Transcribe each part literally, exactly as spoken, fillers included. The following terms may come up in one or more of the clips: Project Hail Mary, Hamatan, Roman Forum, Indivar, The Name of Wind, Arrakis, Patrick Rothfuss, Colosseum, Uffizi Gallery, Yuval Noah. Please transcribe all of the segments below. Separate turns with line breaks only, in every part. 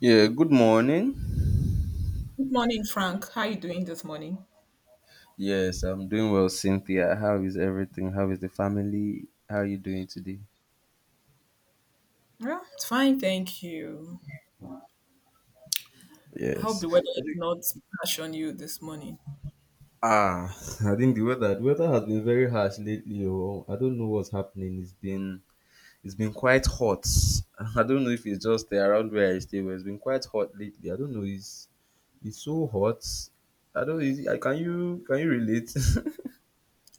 Yeah, good morning.
Good morning, Frank. How are you doing this morning?
Yes, I'm doing well, Cynthia. How is everything? How is the family? How are you doing today?
Yeah, it's fine, thank you. I hope
Yes.
the weather
I
is
think,
not harsh on you this morning.
ah, I think the weather the weather has been very harsh lately. Oh, I don't know what's happening. It's been it's been quite hot. I don't know if it's just around where I stay, but it's been quite hot lately. I don't know. It's it's so hot. I don't. Is, I- can you can you relate?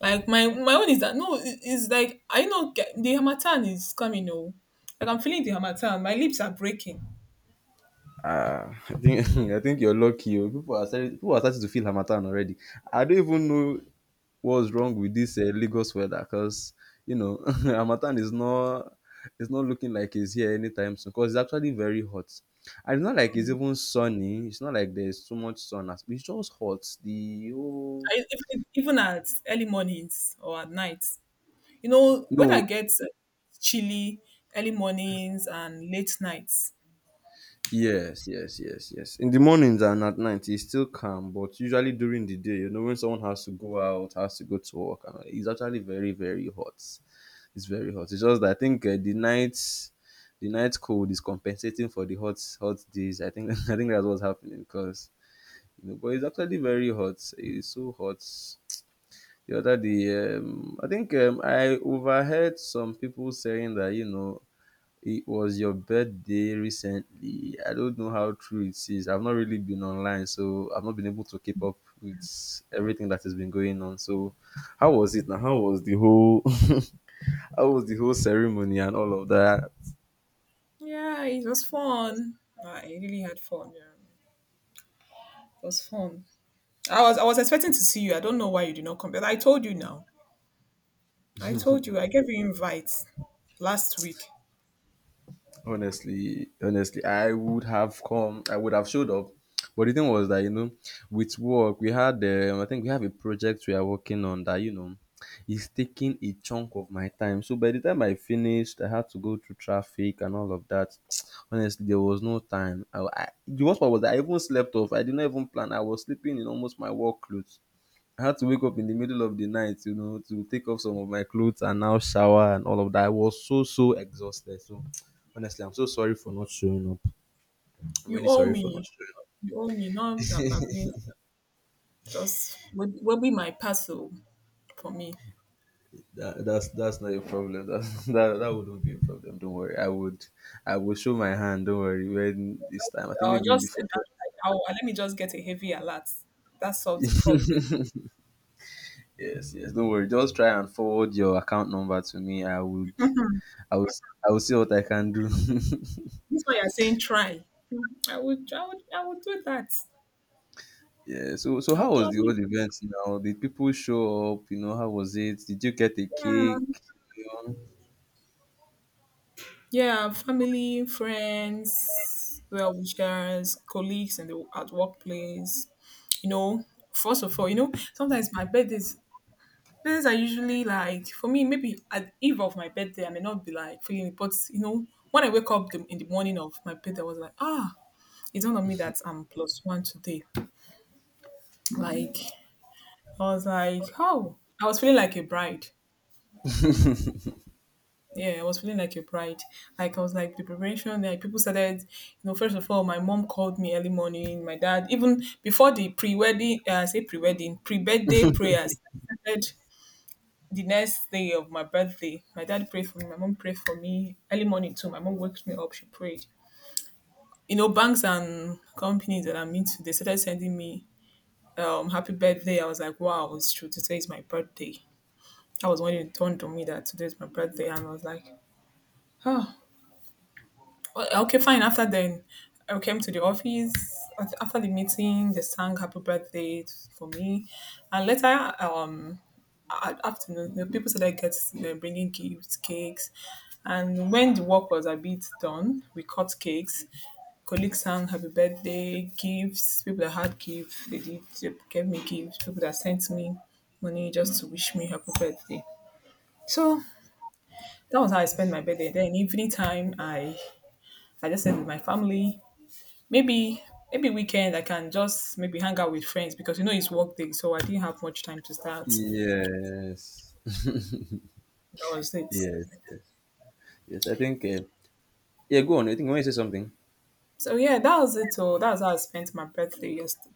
Like my my own is that no, it- it's like I know ge- the Hamatan is coming. Oh, like I'm feeling the Hamatan. My lips are breaking.
Ah, I think I think you're lucky. Oh. People are starting people are starting to feel harmattan already. I don't even know what's wrong with this uh, Lagos weather? Because you know, Hamatan is not it's not looking like it's here anytime soon. Because it's actually very hot, and it's not like it's even sunny. It's not like there's too much sun. as- It's just hot. The whole
I, even, even at early mornings or at nights. You know, weather
No.
gets chilly early mornings and late nights.
Yes, yes, yes, yes. In the mornings and at night, it's still calm, but usually during the day, you know, when someone has to go out, has to go to work, and all, it's actually very, very hot. It's very hot. It's just that I think uh, the nights the night cold is compensating for the hot hot days. I think I think that's what's happening because you know, but it's actually very hot. It's so hot. The other day, um, I think um, I overheard some people saying that you know it was your birthday recently. I don't know how true it is. I've not really been online, so I've not been able to keep up with everything that has been going on. So, how was it now? How was the whole? How was the whole ceremony and all of that?
Yeah, it was fun. I really had fun. Yeah, it was fun. I was I was expecting to see you. I don't know why you did not come, but I told you now. I told you. I gave you invites last week.
Honestly, honestly, I would have come. I would have showed up. But the thing was that you know, with work we had. Um, I think we have a project we are working on that you know, is taking a chunk of my time. So by the time I finished, I had to go through traffic and all of that. Honestly, there was no time. I, I, the worst part was that I even slept off. I did not even plan. I was sleeping in almost my work clothes. I had to wake up in the middle of the night, you know, to take off some of my clothes and now shower and all of that. I was so so exhausted. So honestly, I'm so sorry for not showing up. I'm
You
really
owe
sorry for not
me.
showing up.
You owe me. Not that I've been just will, will be my parcel for me.
That, that's that's not a problem. That, that that wouldn't be a problem. Don't worry. I would I will show my hand. Don't worry. When this time, I think
I'll
maybe
just say
before.
that, like, I'll, let me just get a heavy alert. That solves the problem.
Yes, yes. Don't worry. Just try and forward your account number to me. I would
Mhm.
I would I will see what I can do.
This why you're saying try. Mm-hmm. I would I would I would do that.
Yeah, so so
I'll
how was the whole
gladly.
event now? Did people show up? You know, how was it? Did you get a
Yeah.
cake? You know?
Yeah, family, friends, well wishers, colleagues in the at workplace. You know, first of all, you know, sometimes my birthdays birthdays are usually like for me, maybe at eve of my birthday, I may not be like feeling it, but you know, when I wake up the, in the morning of my birthday, I was like, ah, it's not on me that I'm plus one today. Like I was like, oh, I was feeling like a bride. Yeah, I was feeling like a bride. Like I was like the preparation. Like people started, you know, first of all, my mom called me early morning. My dad, even before the pre-wedding, uh, I say pre-wedding, pre-birthday prayers started the next day of my birthday. My dad prayed for me. My mom prayed for me early morning too. My mom waked me up. She prayed. You know, banks and companies that I'm into, they started sending me um happy birthday. I was like, wow, it's true. Today is my birthday. I was When it dawned on me that today is my birthday, and I was like, oh, well, okay, fine. After then, I came to the office. Af- After the meeting, they sang happy birthday t- for me. And later, um, a- afternoon, the people started get they're bringing gifts, cakes. And when the work was a bit done, we cut cakes. Colleagues sang happy birthday, gifts. People that had gifts, they did they gave me gifts. People that sent me money just to wish me happy birthday. So that was how I spent my birthday. Then evening time, I I just stayed with my family. Maybe maybe weekend I can just maybe hang out with friends because you know it's work day, so I didn't have much time to start.
Yes.
That was it.
Yes, yes, yes. I think, uh, yeah, go on. I think I want to say something.
So yeah, that was it. Oh, that's how I spent my birthday yesterday.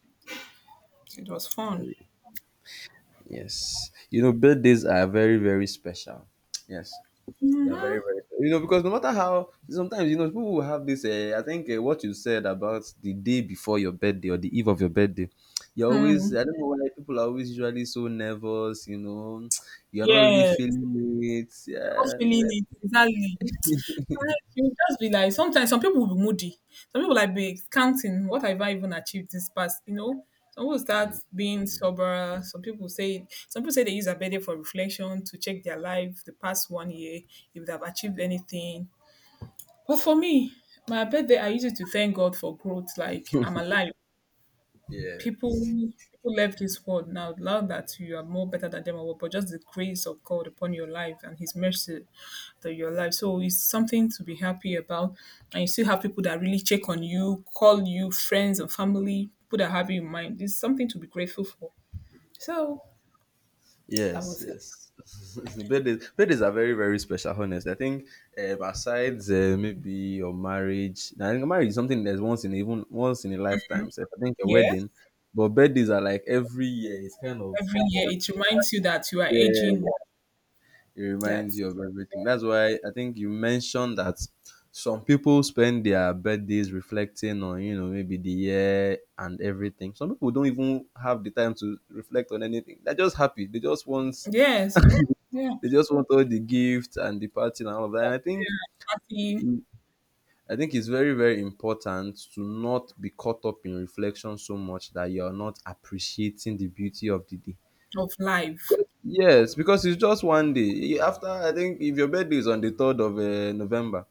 It was fun.
Yes. You know, birthdays are very, very special. Yes. They are very,
Mm-hmm.
very, you know, because no matter how, sometimes, you know, people will have this. Uh, I think uh, what you said about the day before your birthday or the eve of your birthday, you're always,
Mm,
I don't know why people are always usually so nervous, you know, you're not
yeah,
really
you're
feeling it.
not
Yeah.
feeling it exactly. Like, you just be like sometimes some people will be moody. Some people like be counting what have I even achieved this past, you know? Some people start being sober. Some people say some people say they use a birthday for reflection to check their life the past one year, if they've achieved anything. But for me, my birthday I use it to thank God for growth, like I'm alive.
Yeah.
People people left this world now, not that you are more better than them or what, but just the grace of God upon your life and his mercy to your life. So it's something to be happy about, and you still have people that really check on you, call you, friends and family, people that have you in mind. It's something to be grateful for. So that
Yes,
was it.
yes. birthdays, birthdays are very, very special. Honestly, I think um, aside uh, maybe your marriage, nah, I think marriage is something that's once in a- even once in a lifetime. So I think a
Yes.
wedding, but birthdays are like every year. It's kind of
Every
you know,
year it reminds you that you are aging.
Yeah, it reminds
That.
you of everything. That's why I think you mentioned that some people spend their birthdays reflecting on you know maybe the year and everything. Some people don't even have the time to reflect on anything. They're just happy. They just want
Yes. Mm, yeah, yeah.
they just want all the gifts and the party and all of that. And I think
Party.
in, I think it's very very important to not be caught up in reflection so much that you are not appreciating the beauty of the day.
Of life.
Because yes, because it's just one day. After I think if your birthday is on the third of uh, November,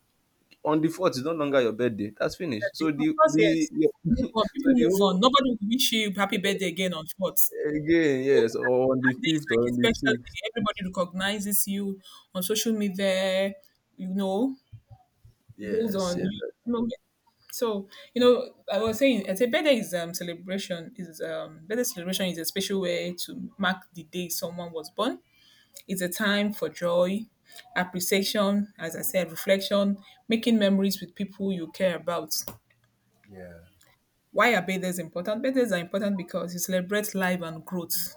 on the fourth is no longer your birthday. That's finished.
Birthday.
So
Of
the
course,
the
yes. Move on.
so
People
the
move
whole
on. Nobody will wish you happy birthday again on fourth. So
again, yes, or on the
that day is
fifth
like
or
a
on the
special
sixth.
day. Everybody recognizes you on social media, you know, goes
Yes,
on,
yes.
you know. So, you know, I was saying, I say birthday is um celebration is um birthday celebration is a special way to mark the day someone was born. It's a time for joy, appreciation, as I said, reflection, making memories with people you care about.
Yeah.
Why are birthdays important? Birthdays are important because you celebrate life and growth,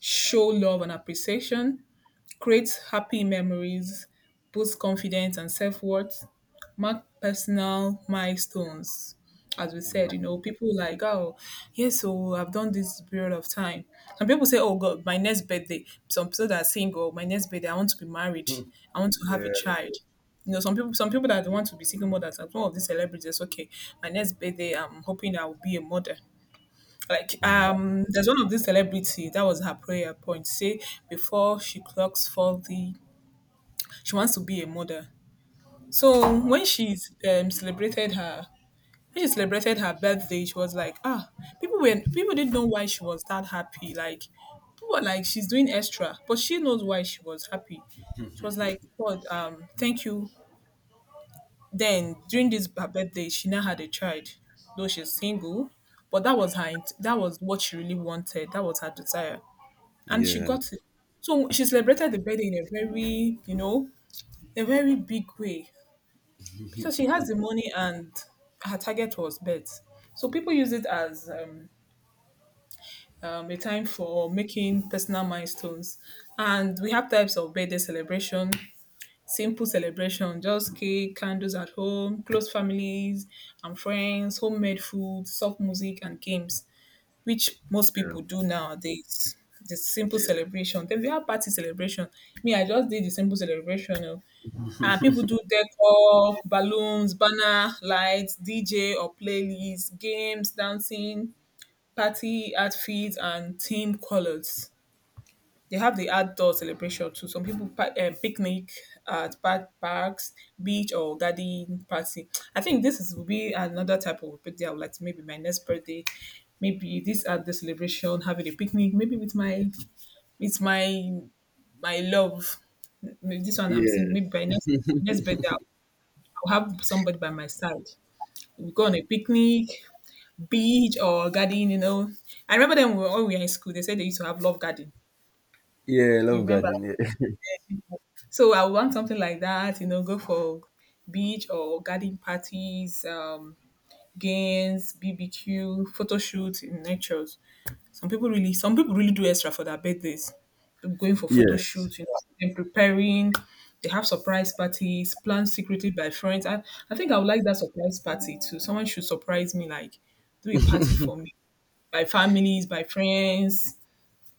show love and appreciation, create happy memories, boost confidence and self-worth, mark personal milestones. As we
Mm.
said, you know, people like, oh, yes, so I've done this period of time. Some people say, oh, God, my next birthday. Some people that are single, my next birthday, I want to be married. I want to have a
Yeah.
child. You know, some people, some people that want to be single mothers, as one of these celebrities, okay, my next birthday, I'm hoping I will be a mother. Like
Mm.
um, there's one of these celebrity that was her prayer point. Say before she clocks forty, she wants to be a mother. So
Wow.
when she's um, celebrated her when she celebrated her birthday, she was like, ah, people were people didn't know why she was that happy. Like people were like, she's doing extra, but she knows why she was happy. She was like, God, um, thank you. Then during this her birthday, she now had a child, though she's single. But that was her. int- That was what she really wanted. That was her desire. And she
Yeah.
got it. So she celebrated the birthday in a very, you know, a very big way because she has the money and her target was birth. So people use it as um, um, a time for making personal milestones. And we have types of birthday celebration, simple celebration, just cake, candles at home, close families and friends, homemade food, soft music and games, which most people do nowadays. The simple celebration. Then we have party celebration. Me, I just did the simple celebration. Oh. And people do decor, balloons, banner, lights, D J or playlist, games, dancing, party outfits, and team colors. They have the outdoor celebration too. Some people pa- um, picnic at park, parks, beach, or garden party. I think this is will be another type of birthday I would like to maybe my next birthday. Maybe this at the celebration, having a picnic, maybe with my with my my love. Maybe this one I'm seeing maybe by
Yes.
next next birthday I'll, I'll have somebody by my side. We go on a picnic, beach or garden, you know. I remember them when we were in school, they said they used to have love garden.
Yeah, I
You
love
remember?
garden.
So I want something like that, you know, go for beach or garden parties, um, games, B B Q, photo shoots in natures. Some people really some people really do extra for their birthdays. People going for photo
Yes.
shoots, you know, and preparing. They have surprise parties, planned secretly by friends. I, I think I would like that surprise party too. Someone should surprise me, like do a party for me by families, by friends,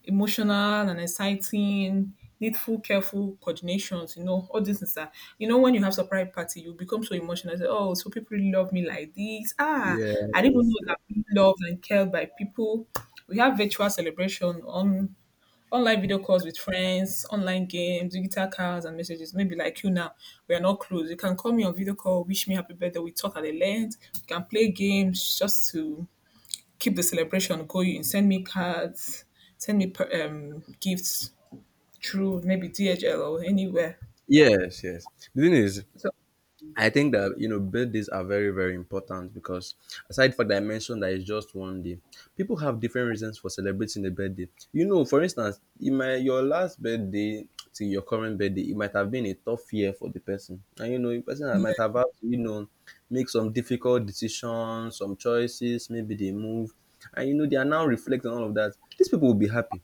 emotional and exciting, needful, careful coordinations, you know, all these things are, you know, when you have surprise party, you become so emotional. Say, oh, so people really love me like this. Ah, I didn't even know
Yes.
that I'm being loved and cared by people. We have virtual celebration on online video calls with friends, online games, digital cards and messages. Maybe like you now, we are not close. You can call me on video call, wish me happy birthday. We talk at the length. We can play games just to keep the celebration going. Send me cards, send me per- um, gifts through maybe D H L or anywhere.
Yes. Yes. The thing is,
So
I think that you know birthdays are very very important because aside from that I mentioned that it's just one day, people have different reasons for celebrating the birthday. You know, for instance, in my your last birthday to your current birthday, it might have been a tough year for the person, and you know, the person that might have had to you know make some difficult decisions, some choices, maybe they move, and you know they are now reflecting on all of that. These people will be happy.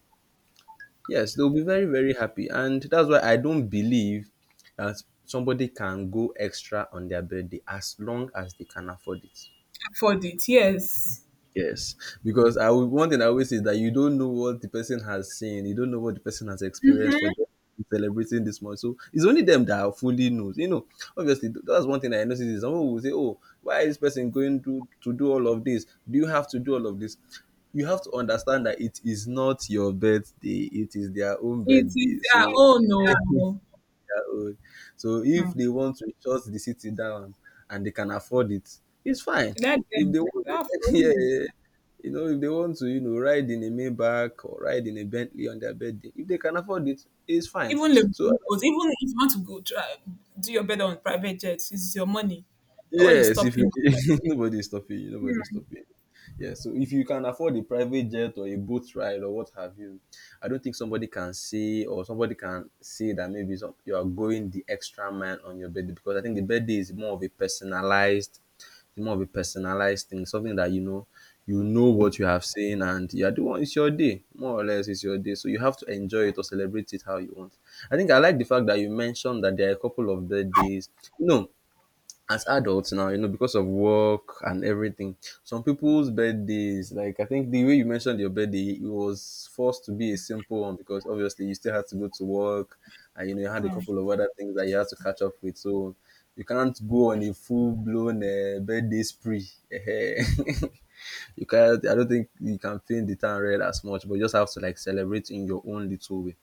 Yes, they'll be very, very happy. And that's why I don't believe that somebody can go extra on their birthday as long as they can afford it.
for it, yes,
Yes, because I will, one thing I always say is that you don't know what the person has seen, you don't know what the person has experienced for them celebrating this month. So it's only them that fully knows. You know, obviously th- that's one thing I notice is someone will say, "Oh, why is this person going to to do all of this? Do you have to do all of this?" You have to understand that it is not your birthday; it is their own
it
birthday.
is their
So
own. Oh,
their own. So if
hmm.
they want to shut the city down and they can afford it, it's fine.
Let
If
them.
they want
They are
yeah, yeah.
from-
Yeah. You know, if they want to, you know, ride in a Maybach or ride in a Bentley on their birthday, if they can afford it, it's fine.
Even the
So
even if you want to go try, do your better on private jets, it's your money. Nobody's
yes, if you
stopping.
nobody's stopping you, nobody's stopping you. Yeah, so if you can afford a private jet or a boat ride or what have you, I don't think somebody can say or somebody can say that maybe some, you are going the extra mile on your birthday because I think the birthday is more of a personalized, more of a personalized thing, something that you know, you know what you have seen and you are the one. It's your day, more or less. It's your day, so you have to enjoy it or celebrate it how you want. I think I like the fact that you mentioned that there are a couple of birthdays. No, as adults now, you know, because of work and everything, some people's birthdays, like I think the way you mentioned your birthday, it was forced to be a simple one because obviously you still had to go to work and you know you had a couple of other things that you had to catch up with. So you can't go on a full blown uh, birthday spree. you can't I don't think you can paint the town red as much, but you just have to like celebrate in your own little way.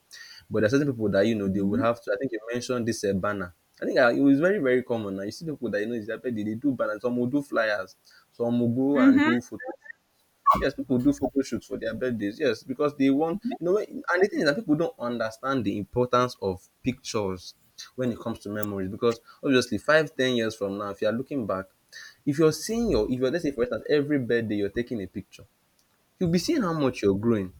But there are certain people that you know they would
Mm-hmm.
have to. I think you mentioned this uh, banner. I think uh, it was very very common. Now you see people that you know is that they, they do banners. Some will do flyers. Some will go and
Mm-hmm.
do photo. Yes, people do photo shoots for their birthdays. Yes, because they want, you know, when- and the thing is that people don't understand the importance of pictures when it comes to memories. Because obviously, five, ten years from now, if you are looking back, if you're seeing your, if you're, let's say, for instance, every birthday you're taking a picture, you'll be seeing how much you're growing.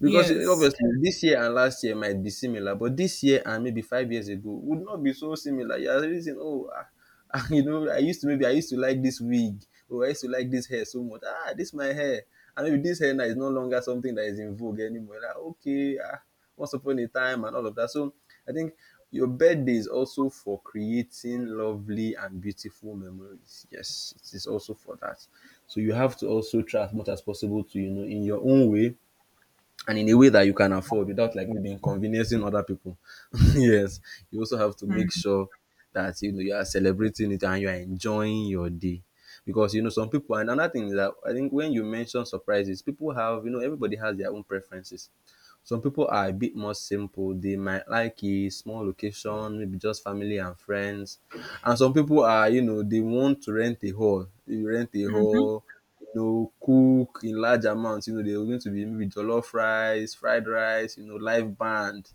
Because eh,
Yes.
obviously this year and last year might be similar, but this year and maybe five years ago would not be so similar. You are already saying, "Oh, ah, ah, you know, I used to maybe I used to like this wig, or I used to like this hair so much. Ah, this my hair, and maybe this hair now is no longer something that is in vogue anymore." Like, okay, ah, once upon a time and all of that. So I think your birthday is also for creating lovely and beautiful memories. Yes, it is also for that. So you have to also try as much as possible to, you know, in your own way, and in a way that you can afford without like maybe inconveniencing other people. Yes, you also have to make
Hmm.
sure that you know you are celebrating it and you are enjoying your day. Because you know some people, and another thing is that I think when you mention surprises, people have, you know, everybody has their own preferences. Some people are a bit more simple. They might like a small location, maybe just family and friends. And some people are, you know, they want to rent a hall. You rent a
Mm-hmm.
hall, you know, cook in large amounts. You know, they're going to be maybe jollof rice, fried rice, you know, live band.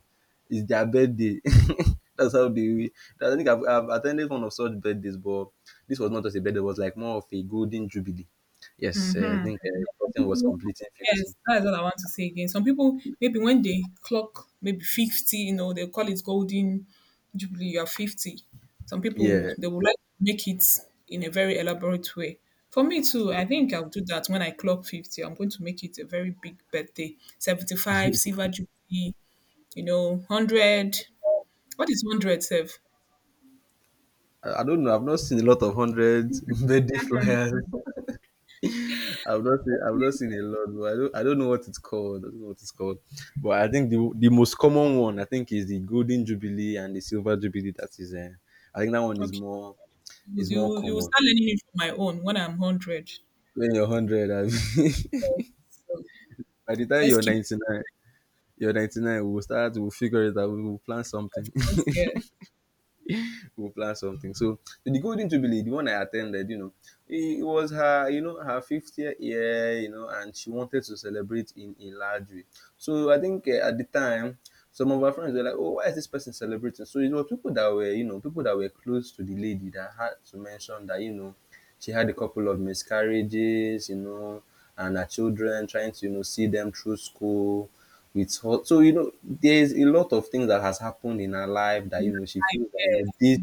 It's their birthday. That's how they. I think I've, I've attended one of such birthdays, but this was not just a birthday. It was like more of a golden jubilee. Yes, uh, I think uh, the person was completing fifty.
Yes, that's what I want to say again. Some people maybe when they clock maybe fifty, you know, they call it golden jubilee. You are fifty. Some people
Yeah,
they would like to make it in a very elaborate way. For me too, I think I'll do that when I clock fifty. I'm going to make it a very big birthday. Seventy-five silver jubilee. You know, one hundred. What is one hundred, Sev?
I I don't know. I've not seen a lot of hundred birthday flyers. I've not seen. I've not
Okay,
seen a lot. But I don't. I don't know what it's called. I don't know what it's called. But I think the the most common one I think is the golden jubilee and the silver jubilee. That is. Uh, I think that one is
okay.
more
You
is
will, you
more
will you will
common.
start learning it from my own when I'm one hundred.
When you're hundred, I mean,
So
by the time
let's
you're
keep.
ninety nine, you're ninety nine. We'll start. We'll figure it out. We'll plan something.
Yes.
We'll plan something. So the Golden Jubilee, the one I attended, you know, it was her, you know, her fiftieth year, you know, and she wanted to celebrate in a large way. So I think uh, at the time, some of our friends were like, "Oh, why is this person celebrating?" So it was people that were, you know, people that were close to the lady that had to mention that, you know, she had a couple of miscarriages, you know, and her children trying to, you know, see them through school with her. So, you know, there's a lot of things that has happened in her life that, you know, she feels that, you know,
Yes.
this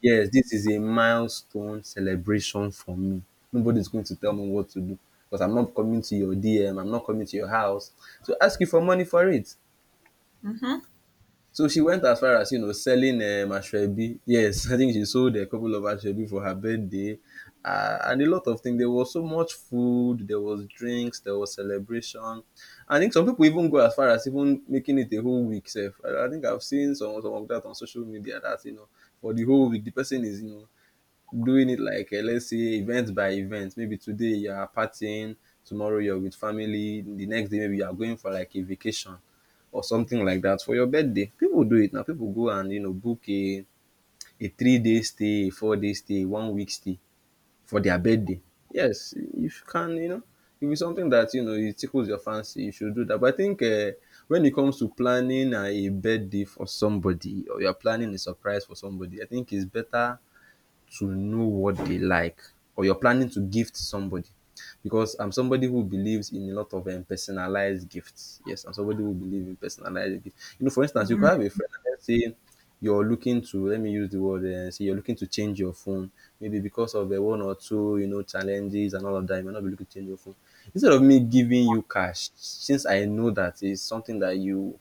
yes, this is a milestone celebration for me. Nobody's going to tell me what to do because I'm not coming to your D M, I'm not coming to your house to ask you for money for it.
Mm-hmm.
So she went as far as you know selling um, ashwebi. Yes, I think she sold a couple of ashwebi for her birthday, uh, and a lot of things. There was so much food, there was drinks, there was celebration. I think some people even go as far as even making it a whole week. Self, I, I think I've seen some some of that on social media. That you know, for the whole week, the person is you know doing it like, uh, let's say event by event. Maybe today you are partying, tomorrow you're with family, the next day maybe you are going for like a vacation or something like that for your birthday. People do it now. People go and you know book a a three day stay, a four day stay, one week stay for their birthday. Yes, if you can, you know, if it's something that you know it tickles your fancy, you should do that. But I think uh, when it comes to planning uh, a birthday for somebody or you're planning a surprise for somebody, I think it's better to know what they like, or you're planning to gift somebody, because I'm somebody who believes in a lot of um, personalized gifts. Yes, I'm somebody who believes in personalized gifts. You know, for instance, you could have a friend and let's say you're looking to, let me use the word, uh, say you're looking to change your phone maybe because of uh, one or two you know challenges and all of that, you might not be looking to change your phone. Instead of me giving you cash, since I know that is something that you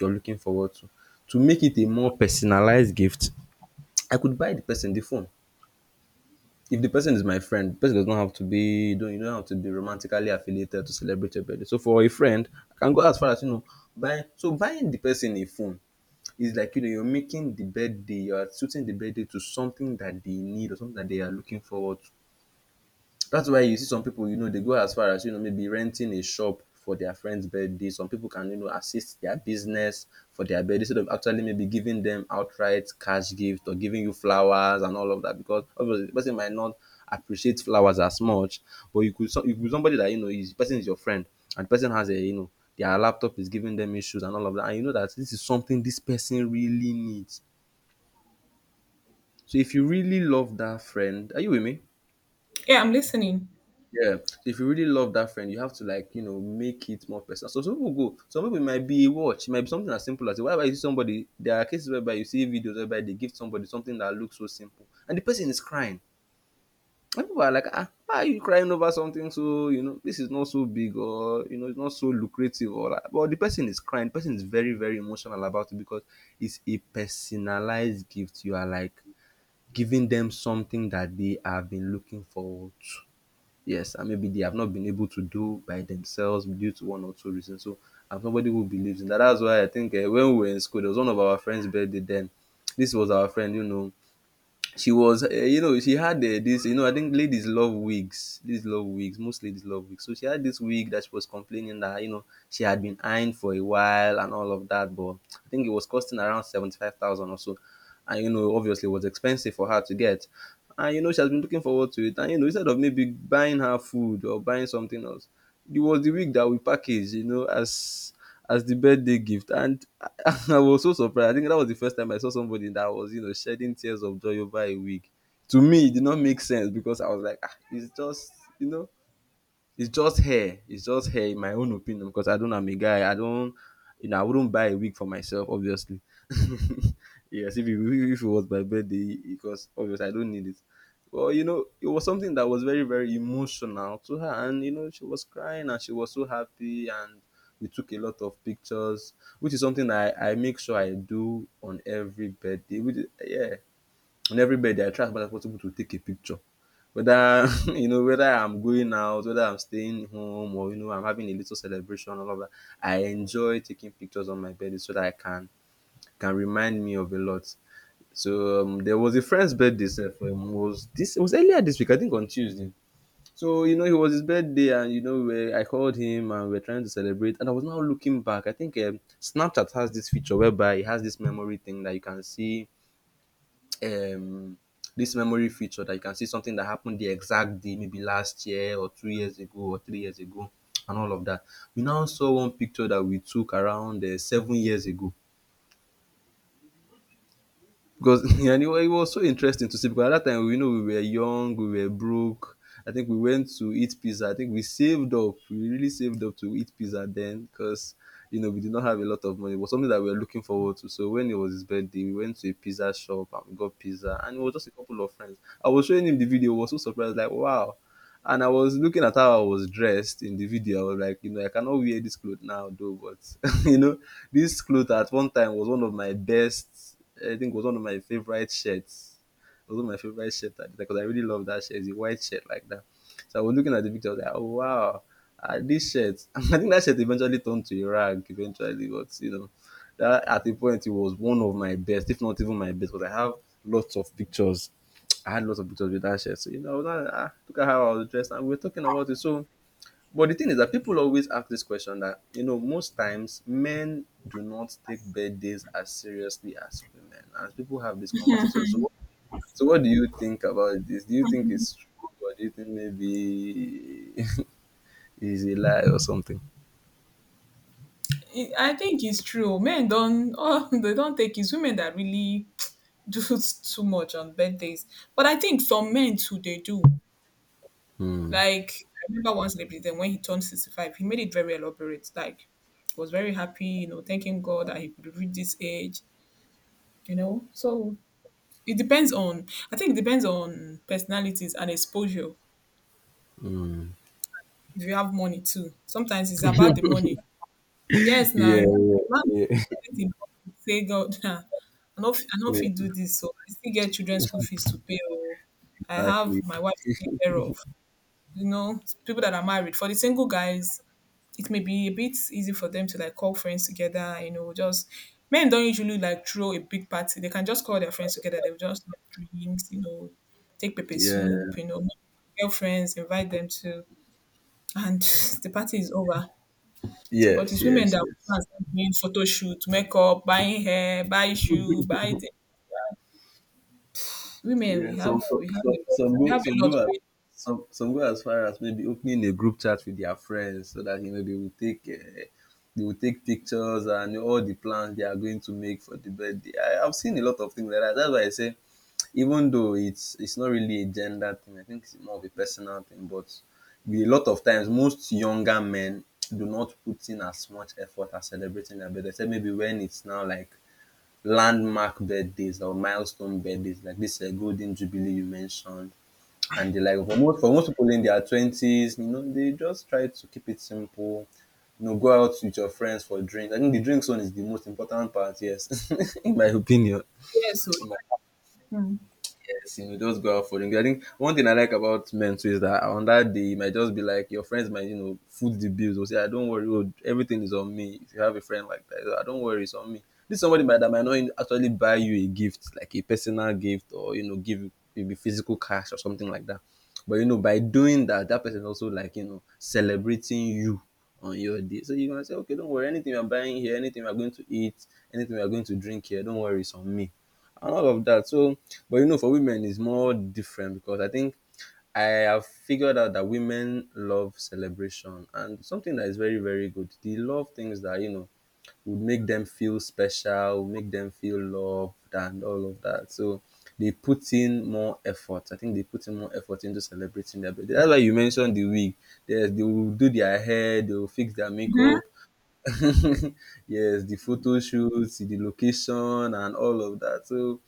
you're looking forward to to make it a more personalized gift, I could buy the person the phone. If the person is my friend, the person does not have to be, you don't you don't have to be romantically affiliated to celebrate your birthday. So for a friend, I can go as far as you know buying, so buying the person a phone is like, you know, you're making the birthday, you're suiting the birthday to something that they need or something that they are looking forward to. That's why you see some people, you know, they go as far as, you know, maybe renting a shop for their friend's birthday. Some people can, you know, assist their business for their birthday instead of actually maybe giving them outright cash gift or giving you flowers and all of that because obviously the person might not appreciate flowers as much. But you could, so, you could somebody that, you know, is person is your friend and the person has a, you know, their laptop is giving them issues and all of that. And you know that this is something this person really needs. So if you really love that friend, are you with me?
Yeah, I'm listening.
Yeah, so if you really love that friend, you have to like you know make it more personal. So some people go, some people it might be a watch, it might be something as simple as why you see somebody. There are cases whereby you see videos whereby they give somebody something that looks so simple, and the person is crying. And people are like, ah, why are you crying over something so you know this is not so big or you know it's not so lucrative or like, but the person is crying. The person is very very emotional about it because it's a personalized gift. You are like giving them something that they have been looking forward to. Yes, and maybe they have not been able to do by themselves due to one or two reasons. So I'm somebody who believes in that. That's why I think uh, when we were in school, there was one of our friends' birthday then. This was our friend, you know, she was, uh, you know she had, uh, this you know I think ladies love wigs, ladies love wigs, most ladies love wigs, so she had this wig that she was complaining that you know she had been eyeing for a while and all of that, but I think it was costing around seventy-five thousand or so, and you know obviously it was expensive for her to get, and you know she has been looking forward to it, and you know instead of maybe buying her food or buying something else, it was the wig that we packaged you know as as the birthday gift. And I was so surprised. I think that was the first time I saw somebody that was, you know, shedding tears of joy over a wig. To me, it did not make sense because I was like, ah, it's just, you know, it's just hair. It's just hair in my own opinion because I don't, I'm a guy. I don't, you know, I wouldn't buy a wig for myself obviously. Yes, if it, if it was my birthday because obviously I don't need it. Well, you know, it was something that was very very emotional to her and you know she was crying and she was so happy and we took a lot of pictures, which is something I I make sure I do on every birthday. Which is, yeah, on every bed I try as much as possible to take a picture, whether you know whether I'm going out, whether I'm staying home or you know I'm having a little celebration, all of that, I enjoy taking pictures on my birthday so that I can can remind me of a lot. So um, there was a friend's birthday sef, um, was this it was earlier this week I think on Tuesday. So you know it was his birthday and you know we, I called him and we are trying to celebrate, and I was now looking back, I think um, Snapchat has this feature whereby it has this memory thing that you can see, um, this memory feature that you can see something that happened the exact day, maybe last year or two years ago or three years ago, and all of that. We now saw one picture that we took around uh, seven years ago because and it was it was so interesting to see because at that time we you know we were young, we were broke. I think we went to eat pizza. I think we saved up. We really saved up to eat pizza then because you know we did not have a lot of money. It was something that we were looking forward to. So when it was his birthday, we went to a pizza shop and we got pizza, and it was just a couple of friends. I was showing him the video. He was so surprised, like, wow. And I was looking at how I was dressed in the video. I was like, you know, I cannot wear this clothes now, though. But you know, this clothes at one time was one of my best. I think was one of my favorite shirts, although my favorite shirt at the time, because I really love that shirt. It's a white shirt like that. So I was looking at the picture, I was like, oh, wow, ah, this shirt. I think that shirt eventually turned to a rag eventually, but you know, that at the point it was one of my best, if not even my best, because I have lots of pictures. I had lots of pictures with that shirt. So you know, that, ah, look at how I was dressed, and we were talking about it. So, but the thing is that people always ask this question that you know most times men do not take birthdays as seriously as women, and people have this conversation. So so, what do you think about this? Do you think it's true, or do you think maybe it's a lie or something?
It- I think it's true. Men don't, oh, they don't take. It's women that really do too much on birthdays. But I think some men too, they do.
Hmm.
Like I remember one celebrity. Then when he turned sixty-five, he made it very elaborate. Like was very happy, you know, thanking God that he could reach this age, you know. So it depends on. I think it depends on personalities and exposure.
Hmm.
If you have money too, sometimes it's about the money. Yes,
Yeah,
now
yeah, yeah.
fit im say God I no fit I no
So,
fit do this. So I still get children school fees to pay oo, I have
exactly.
my wife to take care of. You know, people that are married. For the single guys, it may be a bit easy for them to like call friends together, you know, just men don't usually like throw a big party. They can just call their friends together. They will just have drinks, you know, take pepper
Yeah.
soup, you know, girlfriends, invite them to and the party is over. So, but
Yes,
it's women
yes,
that will
yes.
go and start doing photo shoot, makeup, buying hair, buy shoe, buy the Women,
Yeah.
we have
Some
we have
some
a lot.
some
We
go
have a
some go
lot
as
going on.
some some go as far as maybe opening a group chat with their friends, so that you know they will take uh, they will take pictures and all the plans they are going to make for the birthday. I, I've seen a lot of things like that. That's why I say, even though it's it's not really a gender thing, I think it's more of a personal thing. But we- a lot of times, most younger men do not put in as much effort as celebrating their birthday. Except maybe when it's now like landmark birthdays or milestone birthdays, like this uh, golden jubilee you mentioned, and the like. For most for most people in their twenties, you know, they just try to keep it simple. You know, go out with your friends for drinks. I think the drinks one is the most important part. Yes, in my opinion.
Yes, so mm.
Yes, you know, just go out for drinks. I think one thing I like about men too is that on that day, it might just be like your friends might, you know, foot the bills, or say, I don't worry, oh, everything is on me. If you have a friend like that, I don't worry, it's on me. This somebody might that might not actually buy you a gift, like a personal gift, or, you know, give you maybe physical cash or something like that. But, you know, by doing that, that person also like, you know, celebrating you on your day. So you're going to say, okay, don't worry, anything I'm buying here, anything we're going to eat, anything we're going to drink here, don't worry, it's on me. And all of that. So, but you know, for women, it's more different, because I think I have figured out that women love celebration and something that is very, very good. They love things that, you know, would make them feel special, would make them feel loved, and all of that. So they put in more effort. I think they put in more effort into celebrating their birthday. That's why you mentioned the wig. Yes, they will do their hair, they will fix their
Hmm.
makeup. Yes, the photo shoots, the location, and all of that. So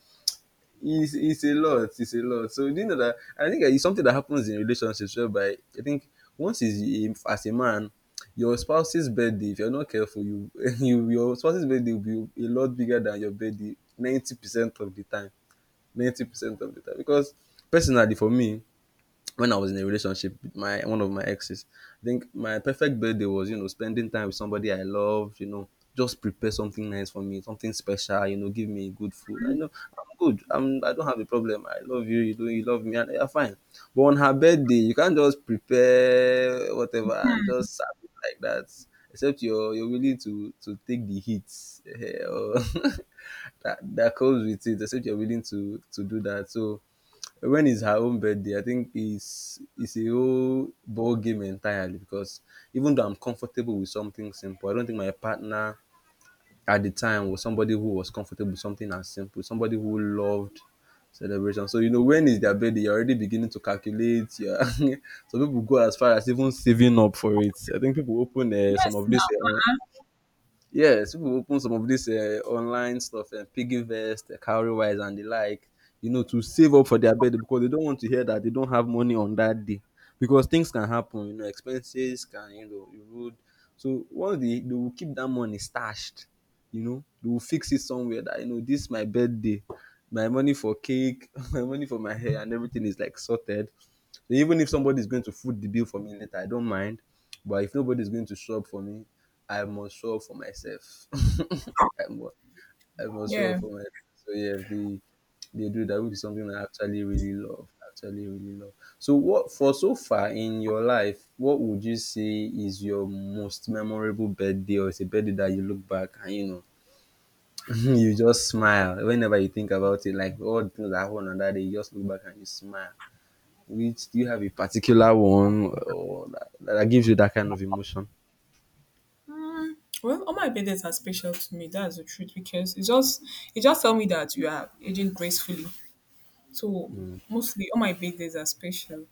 it's it's a lot it's a lot, so do you know that I think it's something that happens in relationships whereby I think, once is a- as a man, your spouse's birthday, if you're not careful, you you your spouse's birthday will be a lot bigger than your birthday ninety percent of the time, ninety percent of the time, because personally, for me, when I was in a relationship with my one of my exes, I think my perfect birthday was, you know, spending time with somebody I loved, you know, just prepare something nice for me, something special, you know, give me good food. I know I'm good. I'm I don't have a problem. I love you, you do you love me, and you're fine. But on her birthday, you can't just prepare whatever and just serve it like that. Except you're you're willing to to take the hits, eh, or that that comes with it, except you're willing to to do that. So when it's her own birthday, I think it's it's a whole ball game entirely, because even though I'm comfortable with something simple, I don't think my partner at the time was somebody who was comfortable with something as simple, somebody who loved celebration. So you know when is their birthday, you're already beginning to calculate. You're some people go as far as even saving up for it. I think people open uh, some
Yes
of this.
now.
Yes, people open some of this uh, online stuff, uh, Piggyvest, uh, Cowrywise, and the like, you know, to save up for their birthday, because they don't want to hear that they don't have money on that day, because things can happen, you know, expenses can, you know, erode. So once they, they will keep that money stashed, you know, they will fix it somewhere, that, you know, this is my birthday, my money for cake, my money for my hair, and everything is like sorted. So even if somebody is going to foot the bill for me later, I don't mind. But if nobody is going to show up for me, I must show up for myself. I must, I must show up
Yeah.
for myself. So, yeah, the they do that, which is something I actually really love. Actually, really love. So, what for so far in your life, what would you say is your most memorable birthday, or is a birthday that you look back and you know you just smile whenever you think about it, like all the things that happened on that day, you just look back and you smile. Which, do you have a particular one or that, that, gives you that kind of emotion?
Well, all my birthdays are special to me. That's the truth because it just it just tell me that you are aging gracefully. So
Mm.
mostly all my birthdays are special.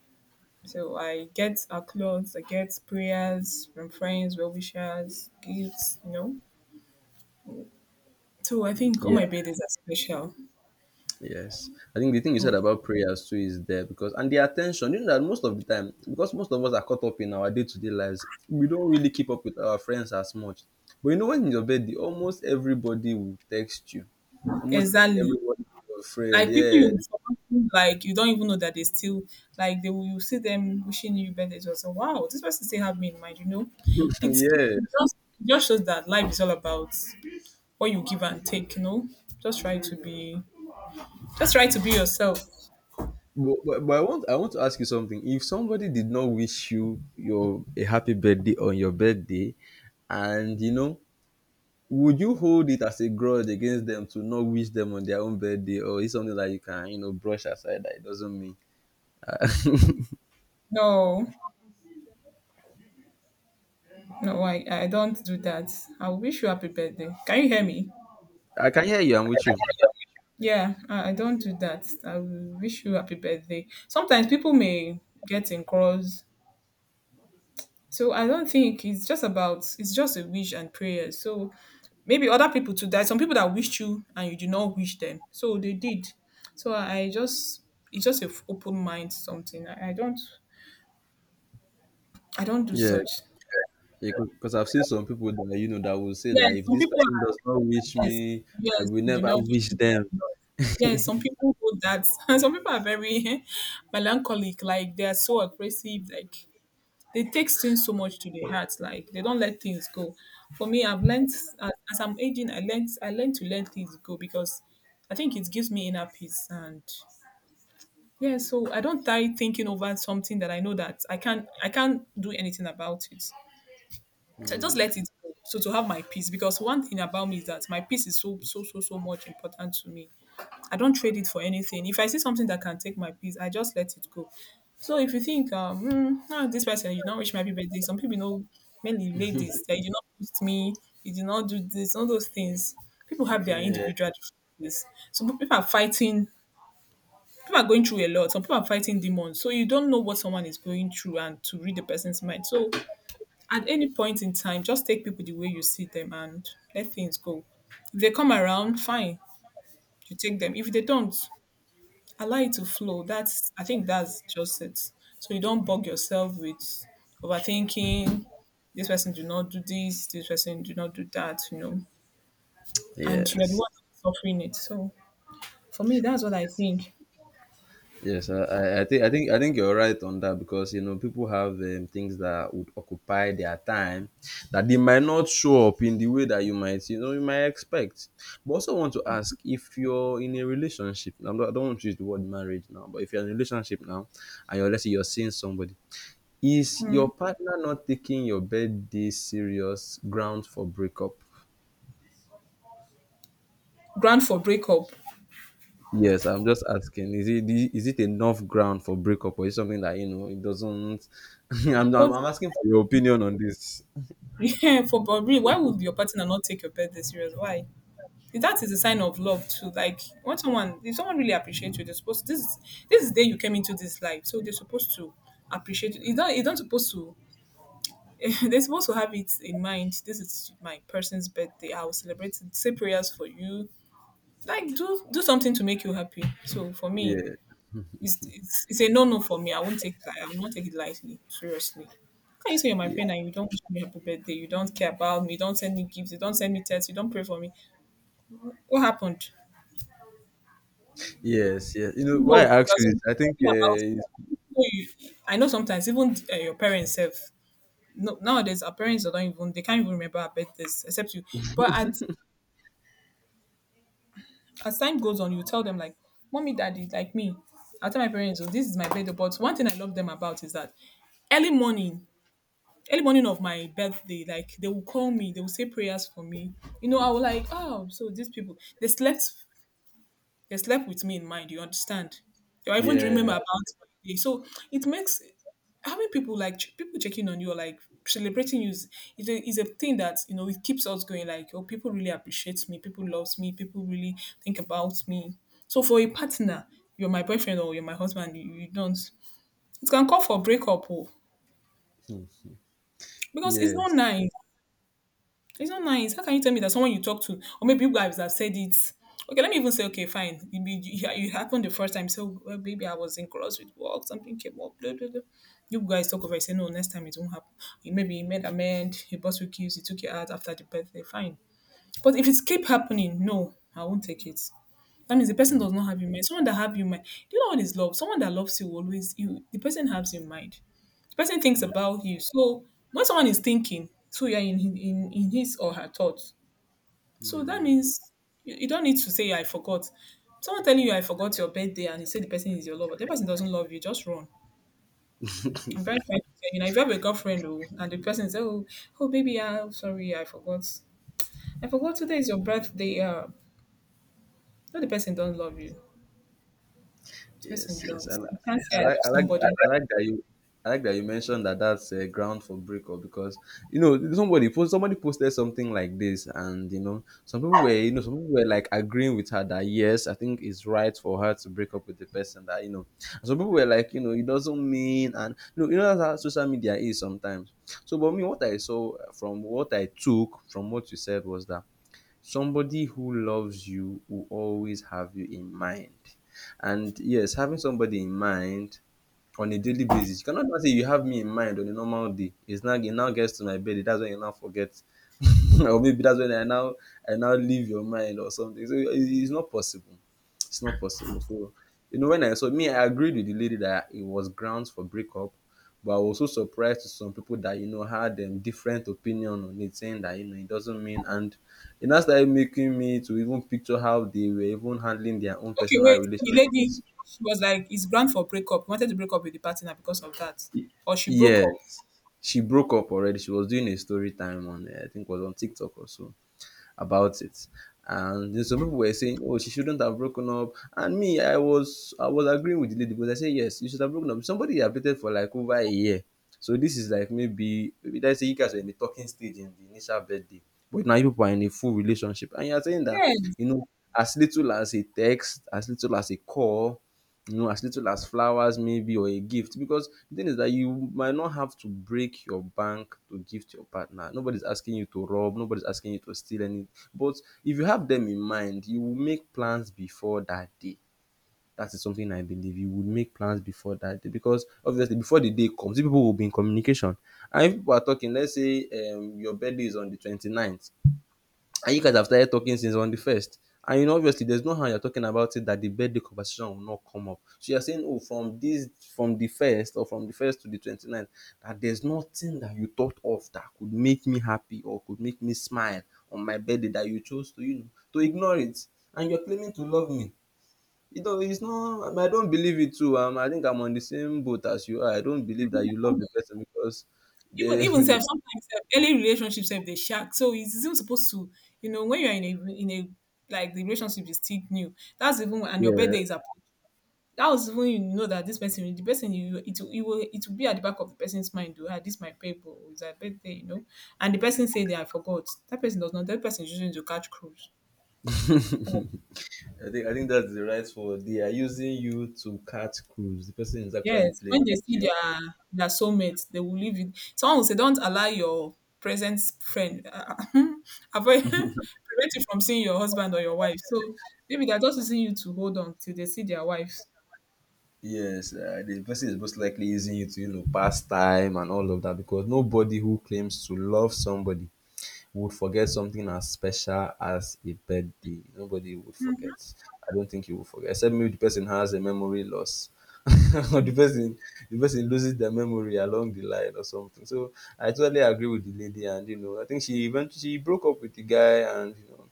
So I get our clothes, I get prayers from friends, well wishers, gifts, you know. So I think all
Yeah,
my birthdays are special.
yes. I think the thing you said
Mm.
about prayers too is there, because and the attention, you know that most of the time, because most of us are caught up in our day-to-day lives, we don't really keep up with our friends as much. But you know, when in your bed, almost everybody will text you. Almost
Exactly.
everybody your friend.
Like people
Yeah.
you forgotten, like you don't even know that they still like they will you see them wishing you bad days or wow, this person still have me in mind, you know? It's it
Yes.
just it just shows that life is all about what you give and take, you know? Just try to be just try to be yourself.
But, but, but I want I want to ask you something. If somebody did not wish you your a happy birthday on your birthday, and you know, would you hold it as a grudge against them, to not wish them on their own birthday, or is something that you can you know brush aside, that it doesn't mean? Uh,
No, no, I, I don't do that. I will wish you happy birthday. Can you hear me?
I can hear you. I'm with you.
Yeah, I, I don't do that. I will wish you happy birthday. Sometimes people may get in cross. So I don't think it's just about it's just a wish and prayer. So maybe other people too. There are some people that wished you and you did not wish them. So they did. So I just it's just a f- open mind something. I, I don't I don't do
Yeah,
such.
because I've seen some people that you know that will say
Yes,
that if
some
this
people
person
are.
does not wish
Yes,
me, I
yes,
will
you do
never
not wish
wish
me
them.
luck. Yes, some people hold that. Some people are very melancholic. Like they are so aggressive. Like they take things so much to the heart, like they don't let things go. For me, I've learned, as, as I'm aging, i learned i learned to let things go, because I think it gives me inner peace. And yeah, so I don't die thinking over something that I know that i can't i can't do anything about it. So, I just
Hmm.
let it go. So to have my peace, because one thing about me is that my peace is so, so, so, so much important to me. I don't trade it for anything. If I see something that can take my peace, I just let it go. So if you think, um, hmm, ah, this person, you do not wish my happy birthday. Some people know, mainly ladies, that you did not post me, you did not do this, all those things. People have their
Yeah.
individual differences. Some people are fighting. People are going through a lot. Some people are fighting demons. So you don't know what someone is going through and to read the person's mind. So at any point in time, just take people the way you see them and let things go. If they come around, fine, you take them. If they don't, allow it to flow. That's I think that's just it. So you don't bug yourself with overthinking. This person do not do this. This person do not do that. You know, and you're the
Yes.
one suffering it. So for me, that's what I think.
Yes, I, I I think I think I think you're right on that, because you know people have um, things that would occupy their time, that they might not show up in the way that you might you know you might expect. But also want to ask, if you're in a relationship. I'm not, I don't want to use the word marriage now, but if you're in a relationship now, and you're let's say you're seeing somebody, is your partner not taking your birthday serious ground for breakup?
Grant for breakup.
Yes, I'm just asking. Is it is it enough ground for breakup, or is something that you know it doesn't? I'm, I'm
What?
I'm asking for your opinion on this.
Yeah, for but really, why would your partner not take your birthday serious? Why? That is a sign of love too. Like when someone, if someone really appreciates you, they're supposed to, this is this is the day you came into this life, so they're supposed to appreciate you. You don't, you don't supposed to. They're supposed to have it in mind. This is my person's birthday. I will celebrate it. Say prayers for you. Like do do something to make you happy. So for me,
Yeah,
it's it's, it's a no no for me. I won't take that. I will not take it lightly. Seriously. How can you say you're my
yeah,
friend and you don't wish me happy birthday? You don't care about me. You don't send me gifts. You don't send me texts. You don't pray for me. What happened?
yes, yes. You know why
No,
I asked
because
you this? I think
thinking
uh,
about
it's-
even though you, I know sometimes even uh, your parents have no, nowadays our parents don't even, they can't even remember our birthdays except you. But as as time goes on, you tell them like, "Mommy, Daddy, like me." I tell my parents, "Oh, this is my birthday." But one thing I love them about is that early morning, early morning of my birthday, like they will call me, they will say prayers for me. You know, I was like, "Oh, so these people, they slept they slept with me in mind, you understand? They were even dreaming
yeah,
about my day." So it makes having people like ch- people checking on you or like celebrating you is, is, a, is a thing that you know it keeps us going, like oh, people really appreciate me, people loves me, people really think about me. So for a partner, you're my boyfriend or you're my husband, you, you don't, it can call for breakup oh,
hmm,
because it's
yes.
not nice. It's not nice. How can you tell me that someone you talk to, or maybe you guys have said it? Okay, let me even say, okay, fine. You, be- you, you happened the first time. So, well, maybe I was in cross with work, something came up. Blah, blah, blah. You guys talk over it, say, no, next time it won't happen. You maybe you made amend. He bought you keys. He took you out after the birthday. Fine. But if it's keep happening, no, I won't take it. That means the person does not have you in mind. Someone that have you in mind. Do you know what is love? Someone that loves you always, you, the person has you in mind. The person thinks about you. So when someone is thinking, so you're in in, in his or her thoughts. So that means you, you don't need to say I forgot. Someone telling you I forgot your birthday and you say the person is your lover. The person doesn't love you, just run. I'm very trying to tell you now. If you have a girlfriend oh, and the person says, Oh, oh, baby, I'm sorry, I forgot. I forgot today is your birthday." Uh, no, the person don't love you. This person
Yes, yes. I,
does.
li-
You can't
I
say I
like,
love
I like,
somebody.
I like
Okay,
that you, I like that you mentioned that that's a ground for breakup, because you know somebody post, somebody posted something like this, and you know some people were, you know, some people were like agreeing with her that yes, I think it's right for her to break up with the person that you know. And some people were like, you know, it doesn't mean, and you know, you know that's how social media is sometimes. So, but me, what I saw uh, from what I took from what you said was that somebody who loves you will always have you in mind. And yes, having somebody in mind on a daily basis, you cannot now say you have me in mind on a normal day. It's now it now gets to my bed, that's when you now forget. Or maybe that's when I now I now leave your mind or something. So it- it's not possible. It's not possible. So you know when I saw me, I agreed with the lady that it was grounds for breakup. But I was also surprised to some people that you know had um, different opinion on it, saying that you know it doesn't mean, and it now started making me to even picture how they were even handling their own personal
wait. The lady,
relationships.
she was like, it's grand for breakup. He wanted to break up with the partner because of that.
Y-
Or she broke up.
Yes. She broke up already. She was doing a story time on, uh, I think, it was on TikTok or so, about it. And then some people were saying, "Oh, she shouldn't have broken up." And me, I was I was agreeing with the lady, but I said, "Yes, you should have broken up." Somebody you have dated for like over a year, so this is like maybe maybe let's say you guys were in the talking stage in the initial birthday, but now you people are in a full relationship, and you are saying that
Yes.
you know as little as a text, as little as a call, you know, as little as flowers maybe or a gift. Because the thing is that you might not have to break your bank to gift your partner. Nobody's asking you to rob, nobody's asking you to steal any. But if you have them in mind, you will make plans before that day. That is something I believe you would make plans before that day because obviously before the day comes, you people will be in communication. And if people are talking, let's say um, your birthday is on the twenty ninth. And you guys have started talking since on the first. And you know, obviously, there's no how you're talking about it that the birthday conversation will not come up. So you're saying, oh, from this, from the first or from the first to the 29th, that there's nothing that you thought of that could make me happy or could make me smile on my birthday that you chose to, you know, to ignore it. And you're claiming to love me. You know, it's not, I, mean, I don't believe it too. Um, I think I'm on the same boat as you are. I don't believe that you love the person because
Even
they,
even self, sometimes self, early relationships have they shack. So it's even supposed to, you know, when you're in a in a like the relationship is still new. That's even and your
yeah.
birthday is approaching. That was even you know that this person, the person you it will it will it will be at the back of the person's mind. Oh, ah, this my paper is a birthday, you know. And the person say that I forgot. That person does not. That person is using to catch cruise.
I think I think that's the right word. They are using you to catch cruise. The person is actually
Yes,
playing
when they
with
see
you.
their their soulmates, they will leave it. Someone will say, "Don't allow your present friend uh, avoid prevent you from seeing your husband or your wife." So maybe they're just using you to hold on till they see their wives.
Yes, uh, the person is most likely using you to you know pass time and all of that because nobody who claims to love somebody would forget something as special as a birthday. Nobody would forget.
Mhm.
I don't think you will forget, except maybe the person has a memory loss. Or the person the person loses their memory along the line or something. So I totally agree with the lady, and you know, I think she eventually she broke up with the guy, and you know,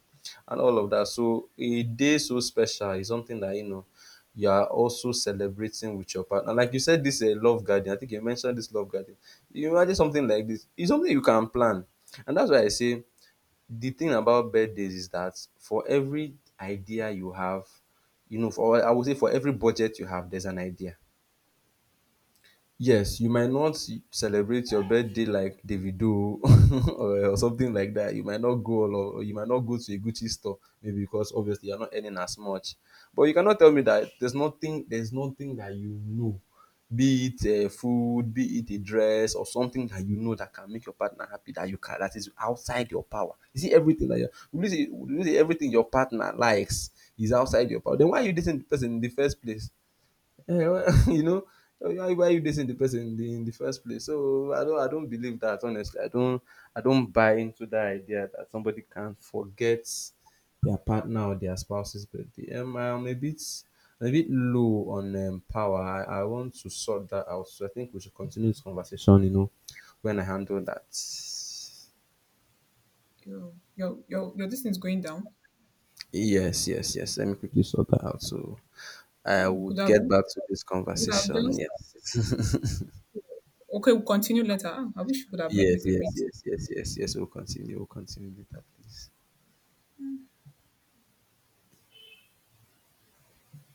and all of that. So a day so special is something that you know you are also celebrating with your partner. Like you said, this uh, love garden. I think you mentioned this love garden. You imagine something like this. It's something you can plan, and that's why I say the thing about birthdays is that for every idea you have, you know, for I would say for every budget you have, there's an idea. Yes, you might not celebrate your birthday like Davido or, or something like that. You might not go all or you might not go to a Gucci store, maybe because obviously you're not earning as much. But you cannot tell me that there's nothing there's nothing that you know, be it uh, food, be it a dress or something that you know that can make your partner happy that you can that is outside your power. You see everything that you you see, you see everything your partner likes is outside your power. Then why are you dating the person in the first place? Eh, you know, why why you dating the person in the in the first place? So I don't I don't believe that honestly. I don't I don't buy into that idea that somebody can forget their partner or their spouse's birthday. Um, I'm a bit I'm a bit low on um, power. I, I want to sort that out. So I think we should continue this conversation. You know, when I handle that.
Your your your your this is going down.
Yes, yes, yes. Let me quickly sort that out. So
Ah,
I
We could
would
have
get back to this
we could have
conversation.
just
Yes.
okay. We'll continue later. Ah, I wish we could have made
Yes,
it a
yes,
bit
yes, yes, yes, yes. We'll continue. We'll continue later, please.